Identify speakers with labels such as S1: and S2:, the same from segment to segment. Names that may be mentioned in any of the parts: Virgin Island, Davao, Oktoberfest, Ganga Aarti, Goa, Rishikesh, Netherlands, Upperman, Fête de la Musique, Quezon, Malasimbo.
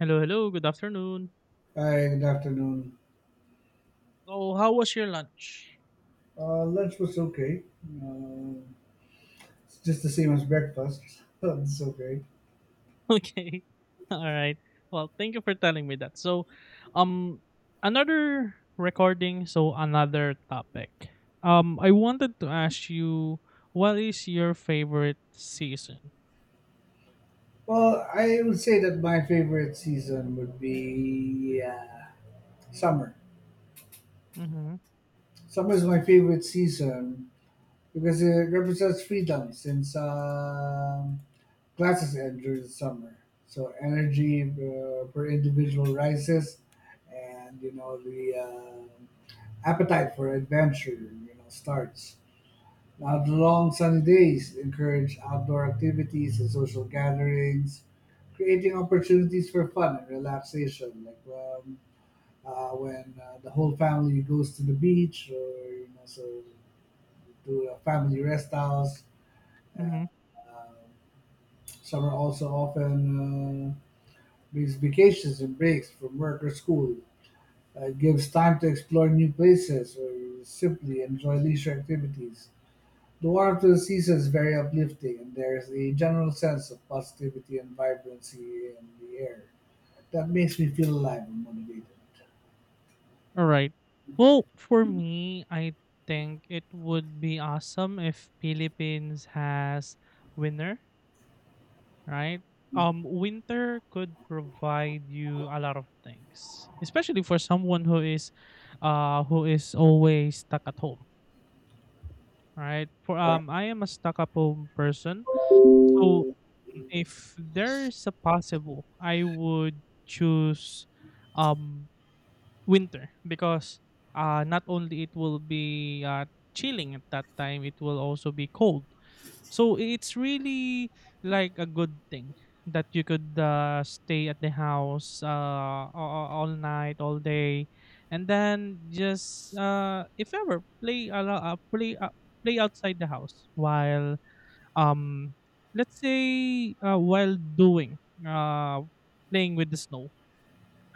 S1: Hello, hello. Good afternoon.
S2: Hi, good afternoon.
S1: So, how was your lunch?
S2: Lunch was okay. Uh, it's just the same as breakfast. It's okay.
S1: Okay. All right. Well, thank you for telling me that. So, um another recording, so another topic. I wanted to ask you, what is your favorite season?
S2: Well, I would say that my favorite season would be summer.
S1: Mhm.
S2: Summer is my favorite season because it represents freedom since classes end during the summer. So energy per individual rises, and the appetite for adventure starts. Now the long sunny days encourage outdoor activities and social gatherings, creating opportunities for fun and relaxation. Like when the whole family goes to the beach, or so to a family rest house. And
S1: Mhm.
S2: um, summer also often brings vacations and breaks from work or school. It gives time to explore new places or simply enjoy leisure activities. The warmth of the season is very uplifting and there is a general sense of positivity and vibrancy in the air that makes me feel alive and motivated.
S1: All right. Well, for me, I think it would be awesome if Philippines has winter, right? Winter could provide you a lot of things, especially for someone who is always stuck at home, right? For
S2: Yeah.
S1: I am a stuck at home person, so if there is a possible, I would choose, um, winter because not only it will be chilling at that time, it will also be cold, so it's really like a good thing that you could stay at the house all night, all day, and then just if ever play a lo- play play outside the house while um let's say while doing uh playing with the snow.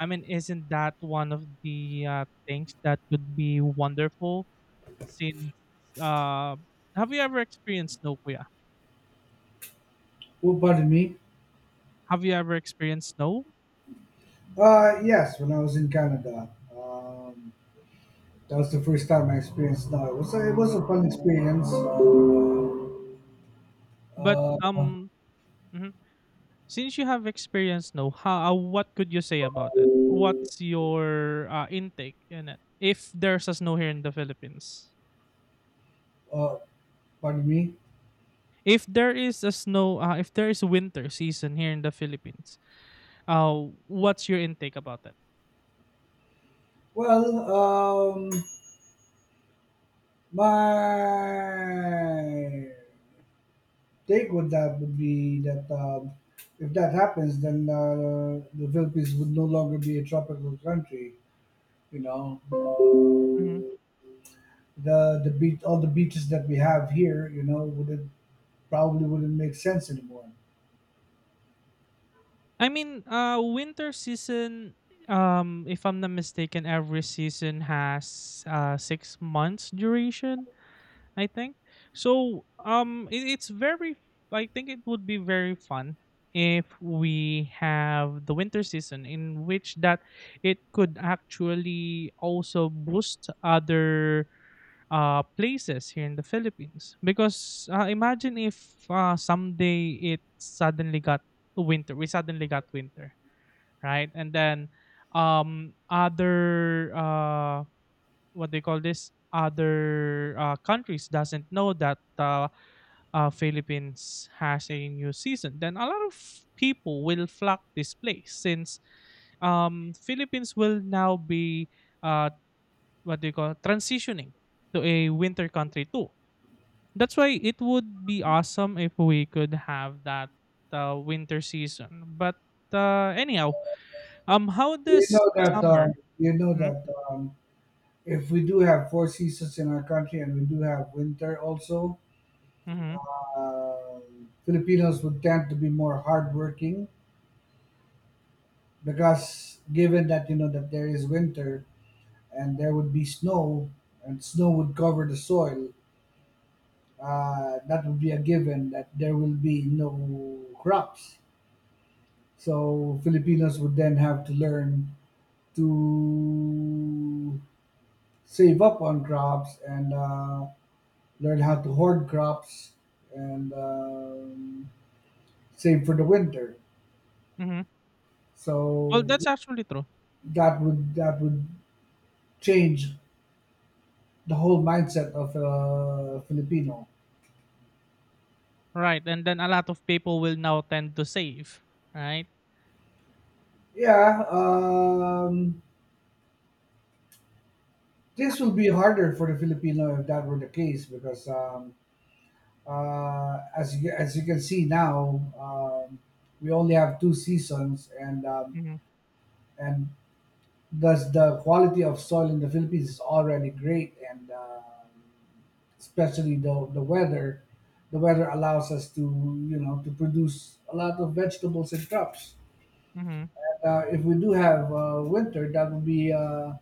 S1: I mean, isn't that one of the things that could be wonderful? Since uh, have you ever experienced snow, Kuya?
S2: Oh, pardon me.
S1: Have you ever experienced snow?
S2: Yes, when I was in Canada, that was the first time I experienced that. It was a fun experience.
S1: But
S2: Uh,
S1: mhm. Since you have experienced snow, how what could you say about it? What's your intake in it? If there's a snow here in the Philippines,
S2: uh, pardon me.
S1: if there is a snow, if there is winter season here in the Philippines, Uh, what's your intake about that?
S2: Well, my take with that would be that if that happens, then the Philippines would no longer be a tropical country. You know,
S1: Mhm.
S2: the beach, all the beaches that we have here, wouldn't probably wouldn't make sense anymore.
S1: I mean, winter season. If I'm not mistaken, every season has 6 months duration. I think. So it's very, I think it would be very fun if we have the winter season, in which that it could actually also boost other places here in the Philippines because imagine if someday it suddenly got winter we suddenly got winter, right, and then other what they call this, other countries doesn't know that Philippines has a new season, then a lot of people will flock this place since Philippines will now be uh, what they call transitioning to a winter country too. That's why it would be awesome if we could have that winter season. But anyhow, how
S2: You
S1: does
S2: know that um,
S1: summer?
S2: you know
S1: Mm-hmm,
S2: that um, if we do have four seasons in our country and we do have winter also,
S1: mm-hmm,
S2: uh, Filipinos would tend to be more hardworking because given that you know that there is winter, and there would be snow, and snow would cover the soil. That would be a given that there will be no crops. So Filipinos would then have to learn to save up on crops and learn how to hoard crops and save for the winter.
S1: mm-hmm. Well,
S2: So
S1: that's actually true.
S2: that would change the whole mindset of a Filipino.
S1: Right, and then a lot of people will now tend to save, right?
S2: Yeah, this will be harder for the Filipino if that were the case, because as you can see now, we only have two seasons, and
S1: Hmm.
S2: and thus the quality of soil in the Philippines is already great, and especially the the weather allows us to you know to produce a lot of vegetables and crops.
S1: Hmm.
S2: If we do have winter, that would be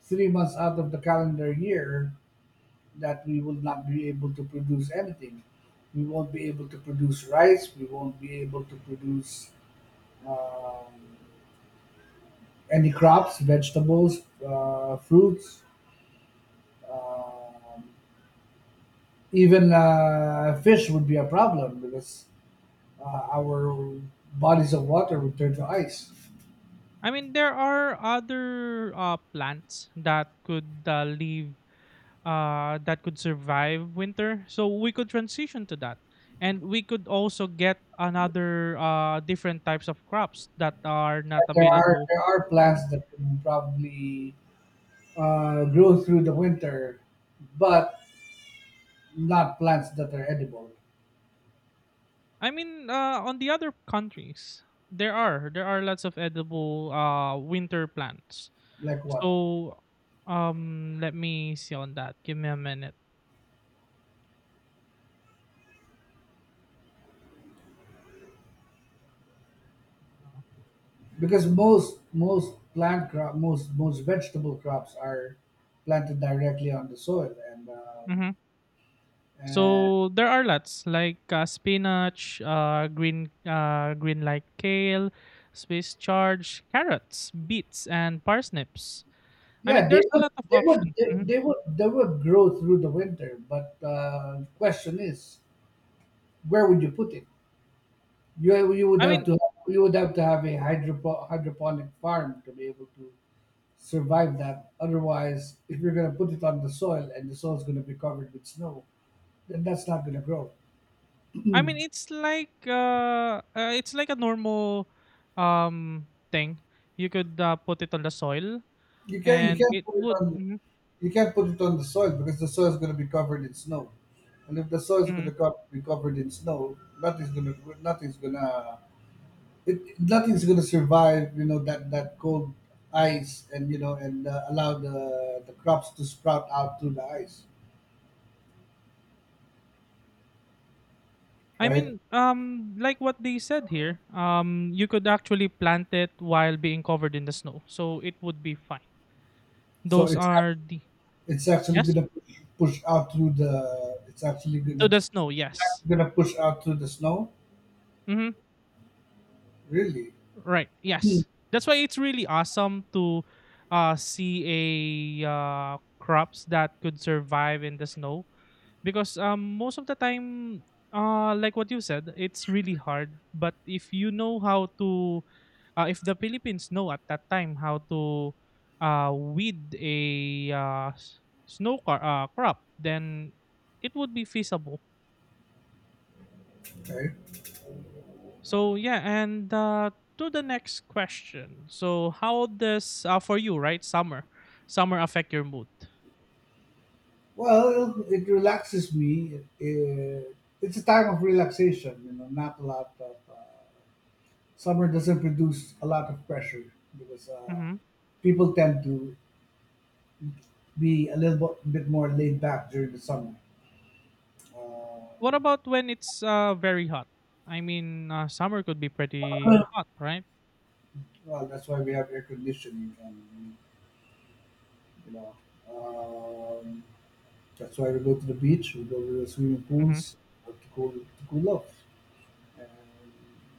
S2: 3 months out of the calendar year that we will not be able to produce anything. We won't be able to produce rice. We won't be able to produce um, any crops, vegetables, fruits. Um even fish would be a problem because our bodies of water would turn to ice.
S1: I mean, there are other plants that could live, that could survive winter. So we could transition to that, and we could also get another different types of crops that are not
S2: And there are
S1: available.
S2: there are plants that can probably grow through the winter, but not plants that are edible.
S1: I mean, on the other countries, there are lots of edible winter plants.
S2: Like what?
S1: So, let me see on that. Give me a minute.
S2: Because most vegetable crops are planted directly on the soil and
S1: Hmm.
S2: and
S1: So there are lots like spinach, green like kale, Swiss charge, carrots, beets, and parsnips. I
S2: yeah,
S1: mean,
S2: they
S1: there's a
S2: would
S1: lot of
S2: they would
S1: options.
S2: they,
S1: Mhm.
S2: they would they would grow through the winter, but question is, where would you put it? you you would
S1: I
S2: have
S1: mean,
S2: to you would have to have a hydroponic farm to be able to survive that. Otherwise, if you're going to put it on the soil and the soil is going to be covered with snow, then that's not going to grow.
S1: I mean, it's like a normal thing. You could put it on the soil,
S2: You can you
S1: and
S2: can't
S1: it
S2: put it
S1: would.
S2: on
S1: Mhm,
S2: you can't put it on the soil because the soil is going to be covered in snow, and if the soil is going
S1: mhm.
S2: to be covered in snow, nothing's going to survive. You know that that cold ice, and allow the crops to sprout out through the ice,
S1: I
S2: right?
S1: mean, like what they said here, you could actually plant it while being covered in the snow, so it would be fine.
S2: So
S1: Those are the
S2: it's actually going
S1: yes
S2: to push out through the it's actually going
S1: to
S2: to
S1: the snow. Yes.
S2: going to push out through the snow.
S1: Hmm.
S2: Really?
S1: Right.
S2: Hmm.
S1: Yes. That's why it's really awesome to see a crops that could survive in the snow, because most of the time, like what you said, it's really hard, but if you know how to, if the Philippines know at that time how to uh, weed a uh, s- snow car, crop, then it would be feasible.
S2: Okay.
S1: So yeah, and to the next question. So how does for you, right, summer affect your mood?
S2: Well, it relaxes me. It's a time of relaxation, you know, not a lot of. Summer doesn't produce a lot of pressure because
S1: Hmm.
S2: people tend to be a little bit more laid back during the summer.
S1: What
S2: Um,
S1: about when it's very hot? I mean, summer could be pretty hot, right?
S2: well, that's why we have air conditioning, and you know, um, that's why we go to the beach, we go to the swimming
S1: Mm-hmm.
S2: pools to cool off and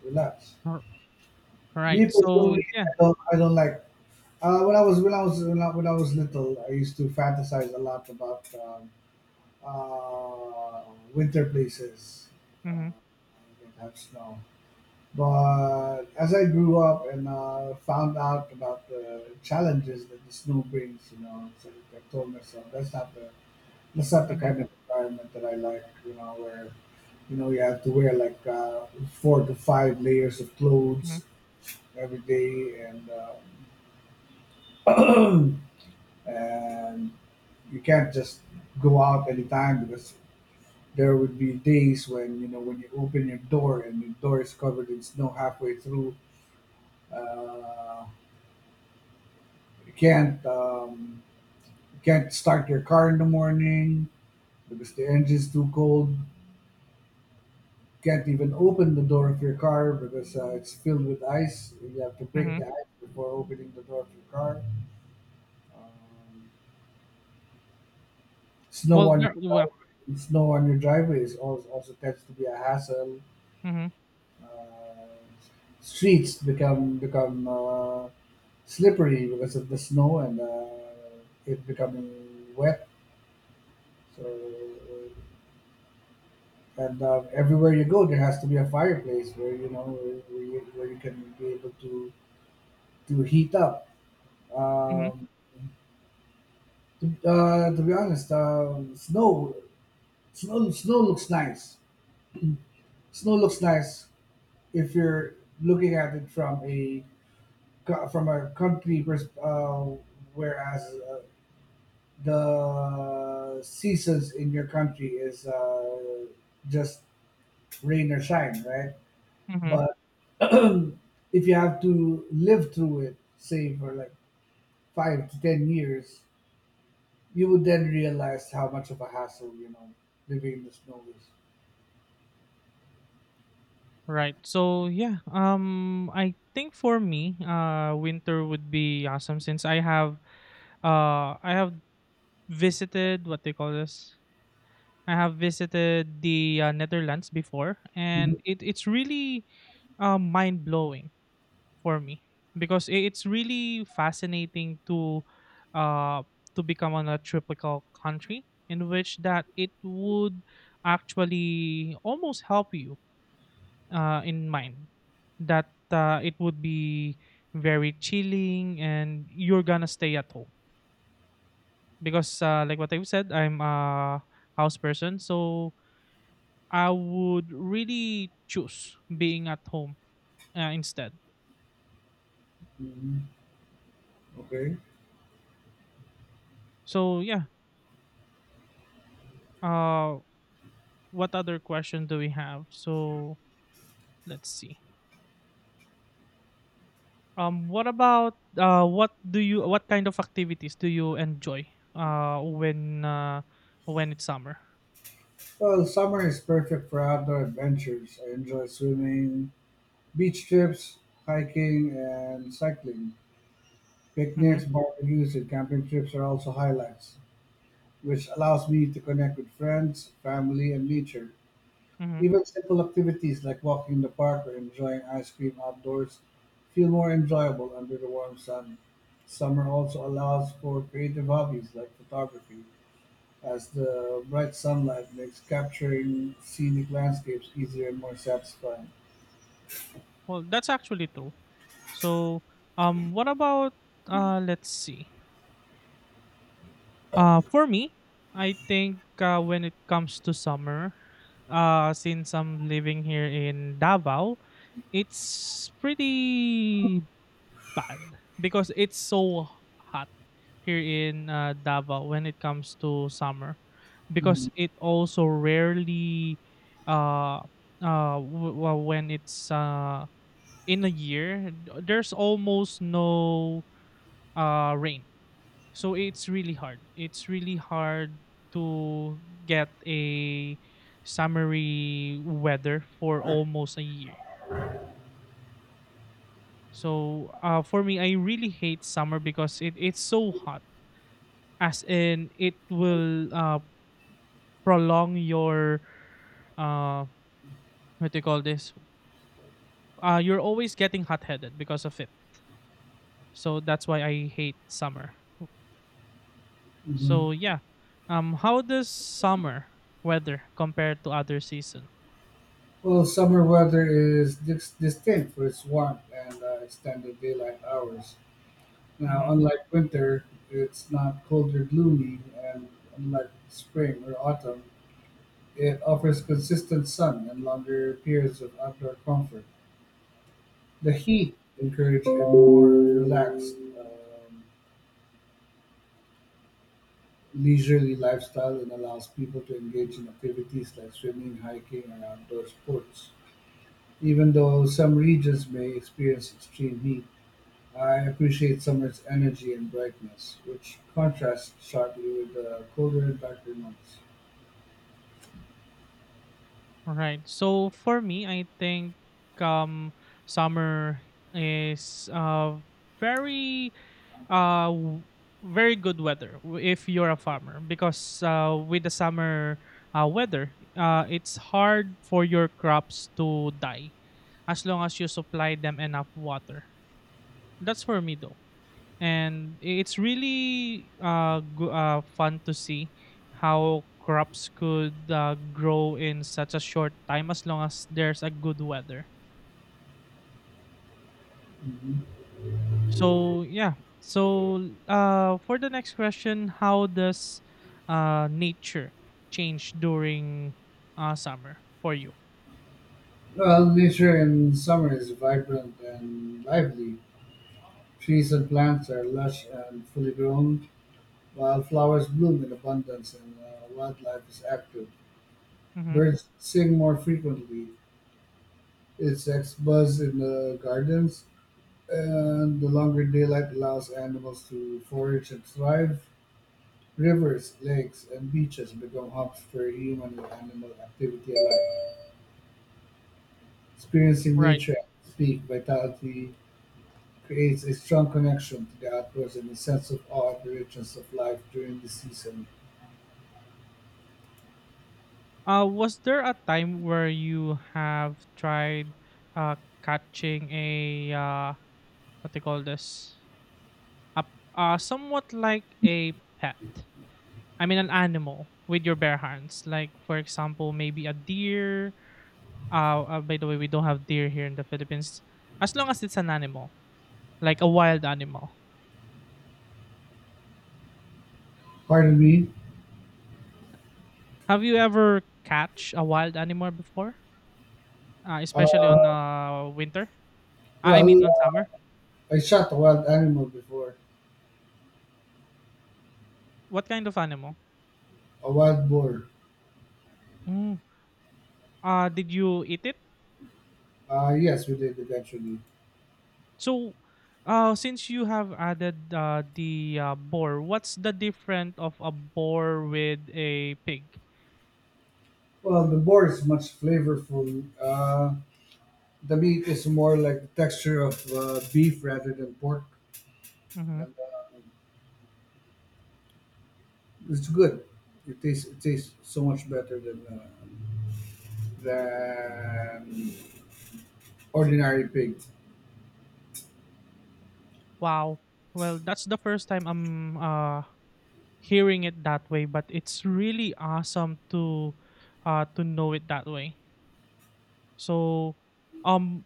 S2: relax.
S1: Right.
S2: Me
S1: So
S2: personally,
S1: yeah.
S2: I don't like. When I was when I was when I was little, I used to fantasize a lot about uh, winter places
S1: Mm-hmm.
S2: uh, that have snow. But as I grew up and found out about the challenges that the snow brings, so I told myself that's not the
S1: Mm-hmm.
S2: kind of environment that I like. You know, where you have to wear like 4 to 5 layers of clothes
S1: Mm-hmm.
S2: every day and. Um, and you can't just go out anytime because there would be days when you open your door and your door is covered in snow halfway through. Uh, you can't um, you can't start your car in the morning because the engine's too cold. Can't even open the door of your car because it's filled with ice. You have to break
S1: Mm-hmm.
S2: the ice before opening the door of your car. Um, snow
S1: Well,
S2: on your
S1: there, well,
S2: driveway, snow on your driveway is also tends to be a hassle.
S1: mhm,
S2: uh, Streets become slippery because of the snow and it becoming wet. So and everywhere you go, there has to be a fireplace where where you can be able to heat up.
S1: mhm,
S2: Um, to be honest, snow looks nice. Snow looks nice if you're looking at it from a country, whereas uh, the seasons in your country is just rain or shine, right?
S1: mhm.
S2: But if you have to live through it, say for like 5 to 10 years, you would then realize how much of a hassle living in the snow is.
S1: Right. So yeah, I think for me, winter would be awesome since I have visited what they call this. I have visited the Netherlands before,
S2: Mhm.
S1: and it's really, mind blowing for me because it's really fascinating uh, to become on a tropical country in which that it would actually almost help you in mind that it would be very chilling and you're gonna stay at home because like what I said, I'm a house person, so I would really choose being at home instead.
S2: Mhm. Okay.
S1: So yeah. uh what other question do we have, so let's see. Um what about uh what do you what kind of activities do you enjoy uh when uh when it's summer?
S2: Well, summer is perfect for outdoor adventures. I enjoy swimming, beach trips, hiking, and cycling.
S1: Mm-hmm,
S2: Picnics, barbecues, and camping trips are also highlights, which allows me to connect with friends, family, and nature.
S1: mm-hmm.
S2: Even simple activities like walking in the park or enjoying ice cream outdoors feel more enjoyable under the warm sun. Summer also allows for creative hobbies like photography, as the bright sunlight makes capturing scenic landscapes easier and more satisfying.
S1: Well, that's actually true. So, what about let's see. For me, I think when it comes to summer, since I'm living here in Davao, it's pretty bad because it's so hot here in Davao when it comes to summer, because it also rarely, uh, when it's in a year, there's almost no rain. So it's really hard. It's really hard to get a summery weather for almost a year. So for me, I really hate summer because it's so hot, as in it will prolong your uh, what do you call this? You're always getting hot headed because of it. So that's why I hate summer.
S2: Mm-hmm.
S1: So yeah, how does summer weather compare to other season?
S2: Well, summer weather is distinct for its warmth and extended daylight hours. Now,
S1: Mm-hmm.
S2: unlike winter, it's not cold or gloomy, and unlike spring or autumn, it offers consistent sun and longer periods of outdoor comfort. The heat encourages a more relaxed, leisurely lifestyle and allows people to engage in activities like swimming, hiking, and outdoor sports. Even though some regions may experience extreme heat, I appreciate summer's energy and brightness, which contrasts sharply with the colder and darker months.
S1: Right. So for me, I think um, summer is very uh w- very good weather if you're a farmer because with the summer weather, it's hard for your crops to die as long as you supply them enough water. That's for me though. And it's really fun to see how crops could grow in such a short time as long as there's a good weather.
S2: Mhm.
S1: So yeah. So for the next question, how does nature change during summer for you?
S2: Well, nature in summer is vibrant and lively. Trees and plants are lush and fully grown, while flowers bloom in abundance and wildlife is active.
S1: Mm-hmm.
S2: Birds sing more frequently, insects buzz in the gardens, and the longer daylight allows animals to forage and thrive. Rivers, lakes, and beaches become hubs for human and animal activity alike. Experiencing
S1: Right.
S2: nature at its peak vitality creates a strong connection to the outdoors and a sense of awe at the richness of life during the season.
S1: Was there a time where you have tried uh, catching a what they call this, a somewhat like a pet, I mean an animal with your bare hands, like for example maybe a deer. By the way, we don't have deer here in the philippines. As long as it's an animal like a wild animal,
S2: Pardon me.
S1: have you ever catch a wild animal before, especially on
S2: Uh,
S1: winter? I
S2: well,
S1: mean on summer.
S2: I shot a wild animal before,
S1: What kind of animal?
S2: a wild boar.
S1: Mm. Uh did you eat it?
S2: Yes, we did eventually.
S1: So, since you have added the boar, what's the difference of a boar with a pig?
S2: Well, the boar is much flavorful. The meat is more like the texture of beef rather than pork,
S1: Hmm.
S2: and it's good. It tastes, it tastes so much better than than ordinary pig.
S1: Wow. Well, that's the first time I'm hearing it that way, but it's really awesome to know it that way. So, um,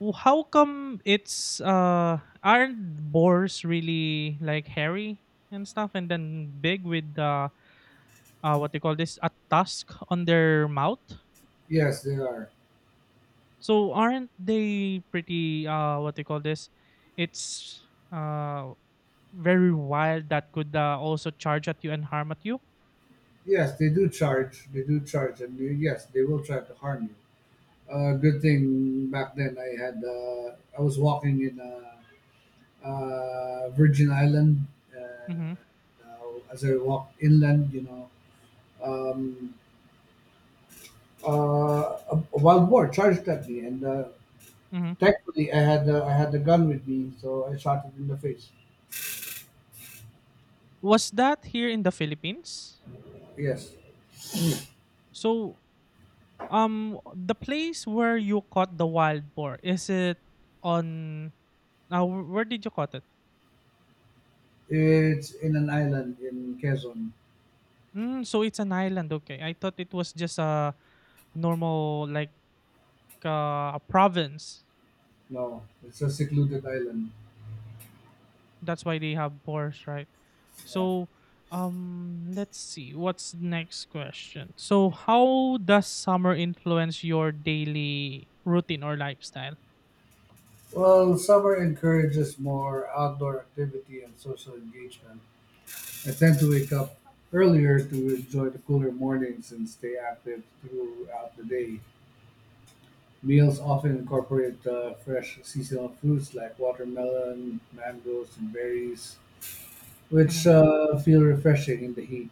S1: how come it's aren't boars really like hairy and stuff, and then big with what they call this, a tusk on their mouth?
S2: Yes, they are.
S1: So aren't they pretty what they call this? It's very wild that could also charge at you and harm at you.
S2: Yes, they do charge. They do charge, and yes, they will try to harm you. Good thing back then I had I was walking in Virgin Island. Uh,
S1: Mm-hmm.
S2: as I walked inland, um, a wild boar charged at me, and
S1: Mm-hmm.
S2: thankfully I had the gun with me, so I shot it in the face.
S1: Was that here in the Philippines?
S2: Yes,
S1: So, the place where you caught the wild boar, is it on, now where did you caught it?
S2: it's in an island in Quezon.
S1: Mm, so it's an island, okay. I thought it was just a normal like a province.
S2: No, it's a secluded island.
S1: That's why they have boars, right?
S2: Yeah.
S1: So let's see what's next question. So how does summer influence your daily routine or lifestyle?
S2: Well, summer encourages more outdoor activity and social engagement. I tend to wake up earlier to enjoy the cooler mornings and stay active throughout the day. Meals often incorporate fresh seasonal fruits like watermelon, mangoes, and berries, which
S1: Hmm.
S2: feel refreshing in the heat.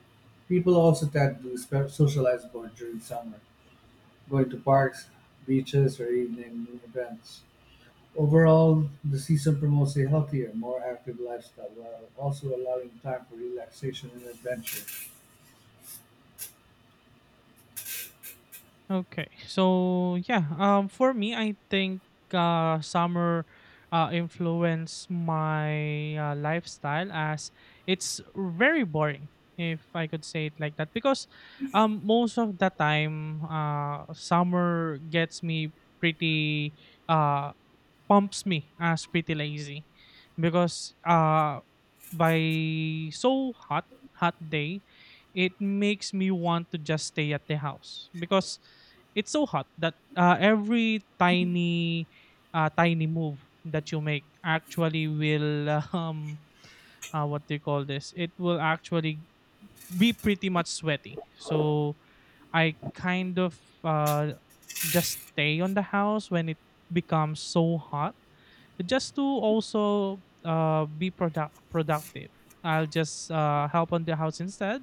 S2: People also tend to socialize more during summer, going to parks, beaches, or evening events. Overall, the season promotes a healthier, more active lifestyle while also allowing time for relaxation and adventure.
S1: Okay. So yeah, for me, I think summer influenced my lifestyle as it's very boring, if I could say it like that, because most of the time, summer gets me pretty uh pumps me as pretty lazy because by so hot, hot day, it makes me want to just stay at the house because it's so hot that every tiny move that you make actually will what do you call this, it will actually be pretty much sweaty, so I kind of just stay on the house when it becomes so hot, just to also be productive. I'll just help on the house instead,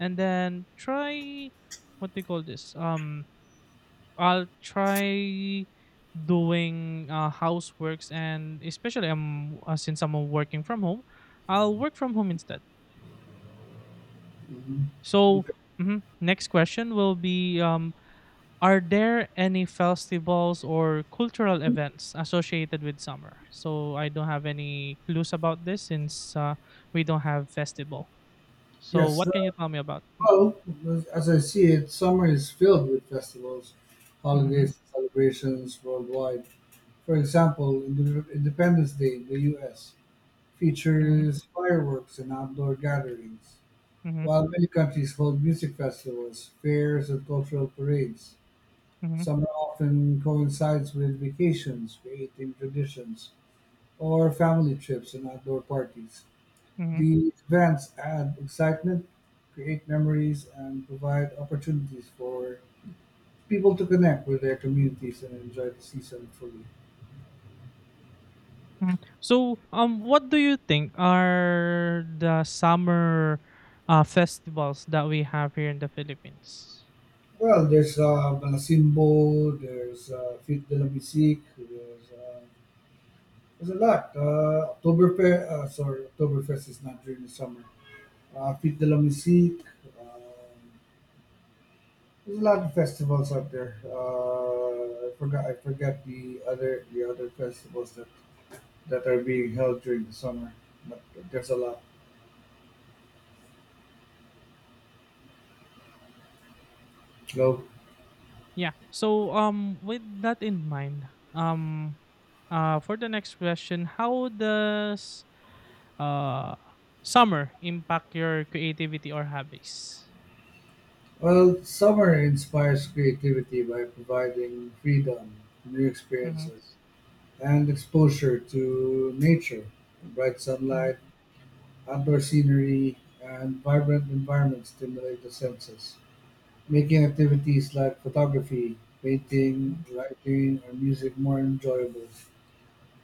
S1: and then try what they call this. I'll try doing houseworks, and especially since I'm working from home, I'll work from home instead. So mhm, next question will be are there any festivals or cultural events associated with summer? So I don't have any clues about this since we don't have festival. So
S2: Yes,
S1: what can you tell me about?
S2: well, as I see it, summer is filled with festivals,
S1: Mm-hmm,
S2: holidays, celebrations worldwide. For example, Independence Day in the US
S1: mm-hmm,
S2: features fireworks and outdoor gatherings,
S1: mm-hmm,
S2: while many countries hold music festivals, fairs, and cultural parades.
S1: mm-hmm,
S2: Summer often coincides with vacations, creating traditions, or family trips and outdoor parties.
S1: mm-hmm,
S2: These events add excitement, create memories, and provide opportunities for people to connect with their communities and enjoy the season fully.
S1: hmm. So what do you think are the summer festivals that we have here in the Philippines?
S2: Well, there's Malasimbo, there's Fit de la Musique, there's a lot. Oktoberfest, sorry, Oktoberfest is not during the summer. Fit de la Musique, um, There's a lot of festivals out there. I forgot. I forgot the other festivals that are being held during the summer. But there's a lot. No.
S1: Yeah. So with that in mind, um, for the next question, how does uh, summer impact your creativity or hobbies?
S2: Well, summer inspires creativity by providing freedom, new
S1: Mhm,
S2: experiences, and exposure to nature. Bright
S1: mhm,
S2: sunlight, outdoor scenery, and vibrant environments stimulate the senses, making activities like photography, painting,
S1: mhm,
S2: writing, or music more enjoyable.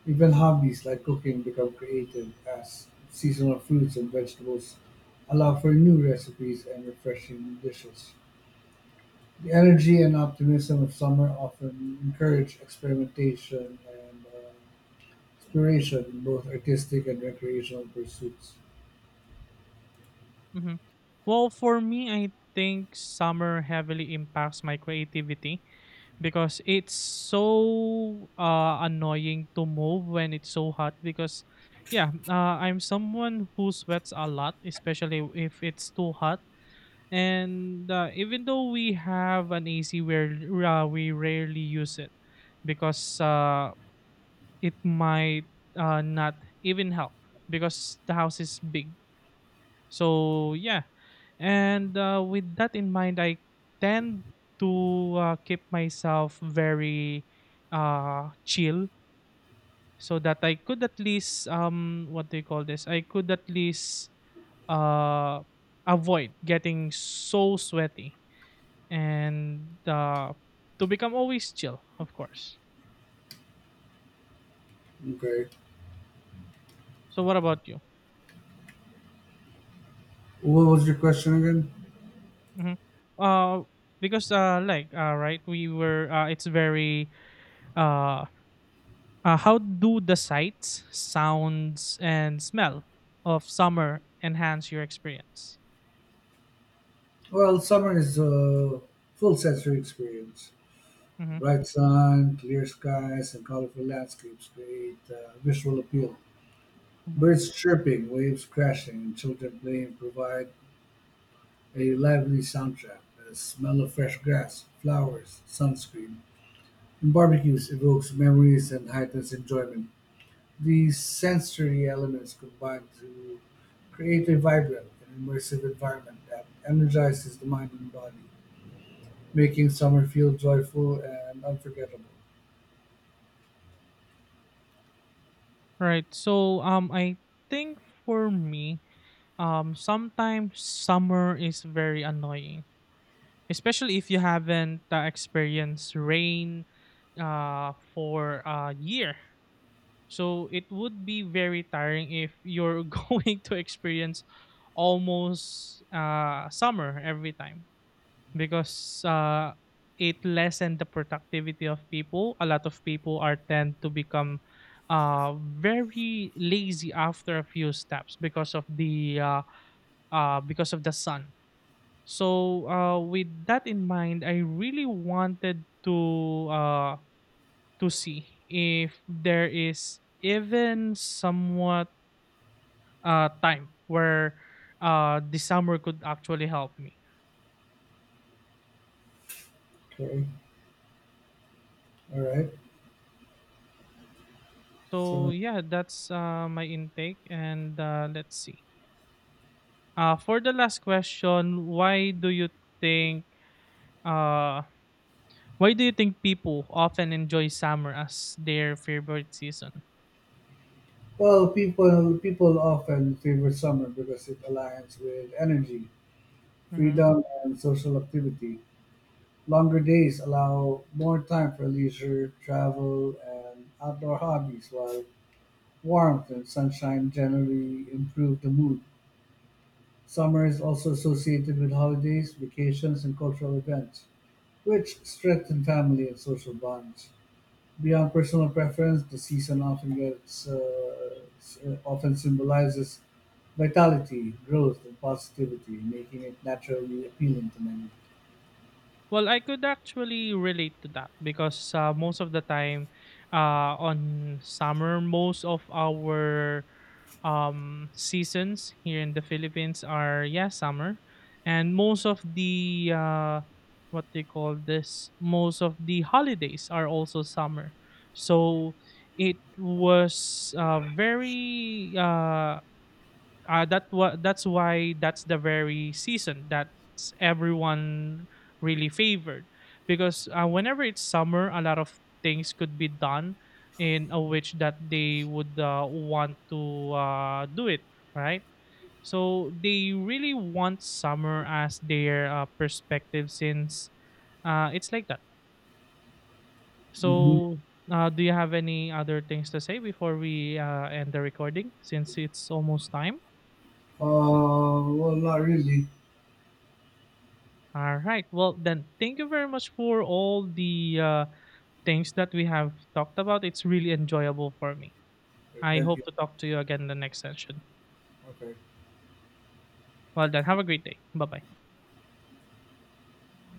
S2: Even hobbies like cooking become creative as seasonal fruits and vegetables allow for new recipes and refreshing dishes. The energy and optimism of summer often encourage experimentation and exploration in both artistic and recreational pursuits.
S1: mhm. Well, for me, I think summer heavily impacts my creativity because it's so annoying to move when it's so hot. Because, yeah, I'm someone who sweats a lot, especially if it's too hot. And even though we have an AC, where we rarely use it because it might not even help because the house is big. So yeah, and with that in mind, I tend to keep myself very chill so that I could at least what do you call this? I could at least uh avoid getting so sweaty, and to become always chill, of course.
S2: Okay.
S1: So what about you?
S2: What was your question again?
S1: Mhm. Uh, because right, we were it's very uh, how do the sights, sounds, and smell of summer enhance your experience?
S2: Well, summer is a full sensory experience.
S1: Hmm.
S2: Bright sun, clear skies, and colorful landscapes create visual appeal.
S1: Hmm.
S2: Birds chirping, waves crashing, and children playing provide a lively soundtrack. The smell of fresh grass, flowers, sunscreen, and barbecues evokes memories and heightens enjoyment. These sensory elements combine to create a vibrant and immersive environment that energizes the mind and body, making summer feel joyful and unforgettable.
S1: Right. So I think for me, sometimes summer is very annoying, especially if you haven't experienced rain for a year. So it would be very tiring if you're going to experience almost summer every time because it lessen the productivity of people. A lot of people are tend to become very lazy after a few steps because of the sun. So with that in mind, I really wanted to see if there is even somewhat time where the summer could actually help me.
S2: Okay, all right.
S1: So
S2: So,
S1: yeah, that's my intake and let's see, for the last question, why do you think uh people often enjoy summer as their favorite season?
S2: well, people often favor summer because it aligns with energy,
S1: Mm-hmm.
S2: freedom, and social activity. Longer days allow more time for leisure, travel, and outdoor hobbies, while warmth and sunshine generally improve the mood. Summer is also associated with holidays, vacations, and cultural events, which strengthen family and social bonds. Beyond personal preference, the season often symbolizes vitality, growth, and positivity, making it naturally appealing to many.
S1: Well, I could actually relate to that because most of the time, on summer, most of our seasons here in the Philippines are yeah summer, and most of the what they call this, most of the holidays are also summer. So it was that's why that's the very season that's everyone really favored because whenever it's summer, a lot of things could be done in a which that they would want to do it, right, so they really want summer as their perspective since it's like that.
S2: Mhm.
S1: So do you have any other things to say before we end the recording since it's almost time?
S2: Well, not really.
S1: All right. Well, then, thank you very much for all the things that we have talked about. It's really enjoyable for me.
S2: Okay,
S1: I
S2: thank you.
S1: hope to talk to you again in the next session.
S2: Okay.
S1: Well, then, have a great day. Bye bye.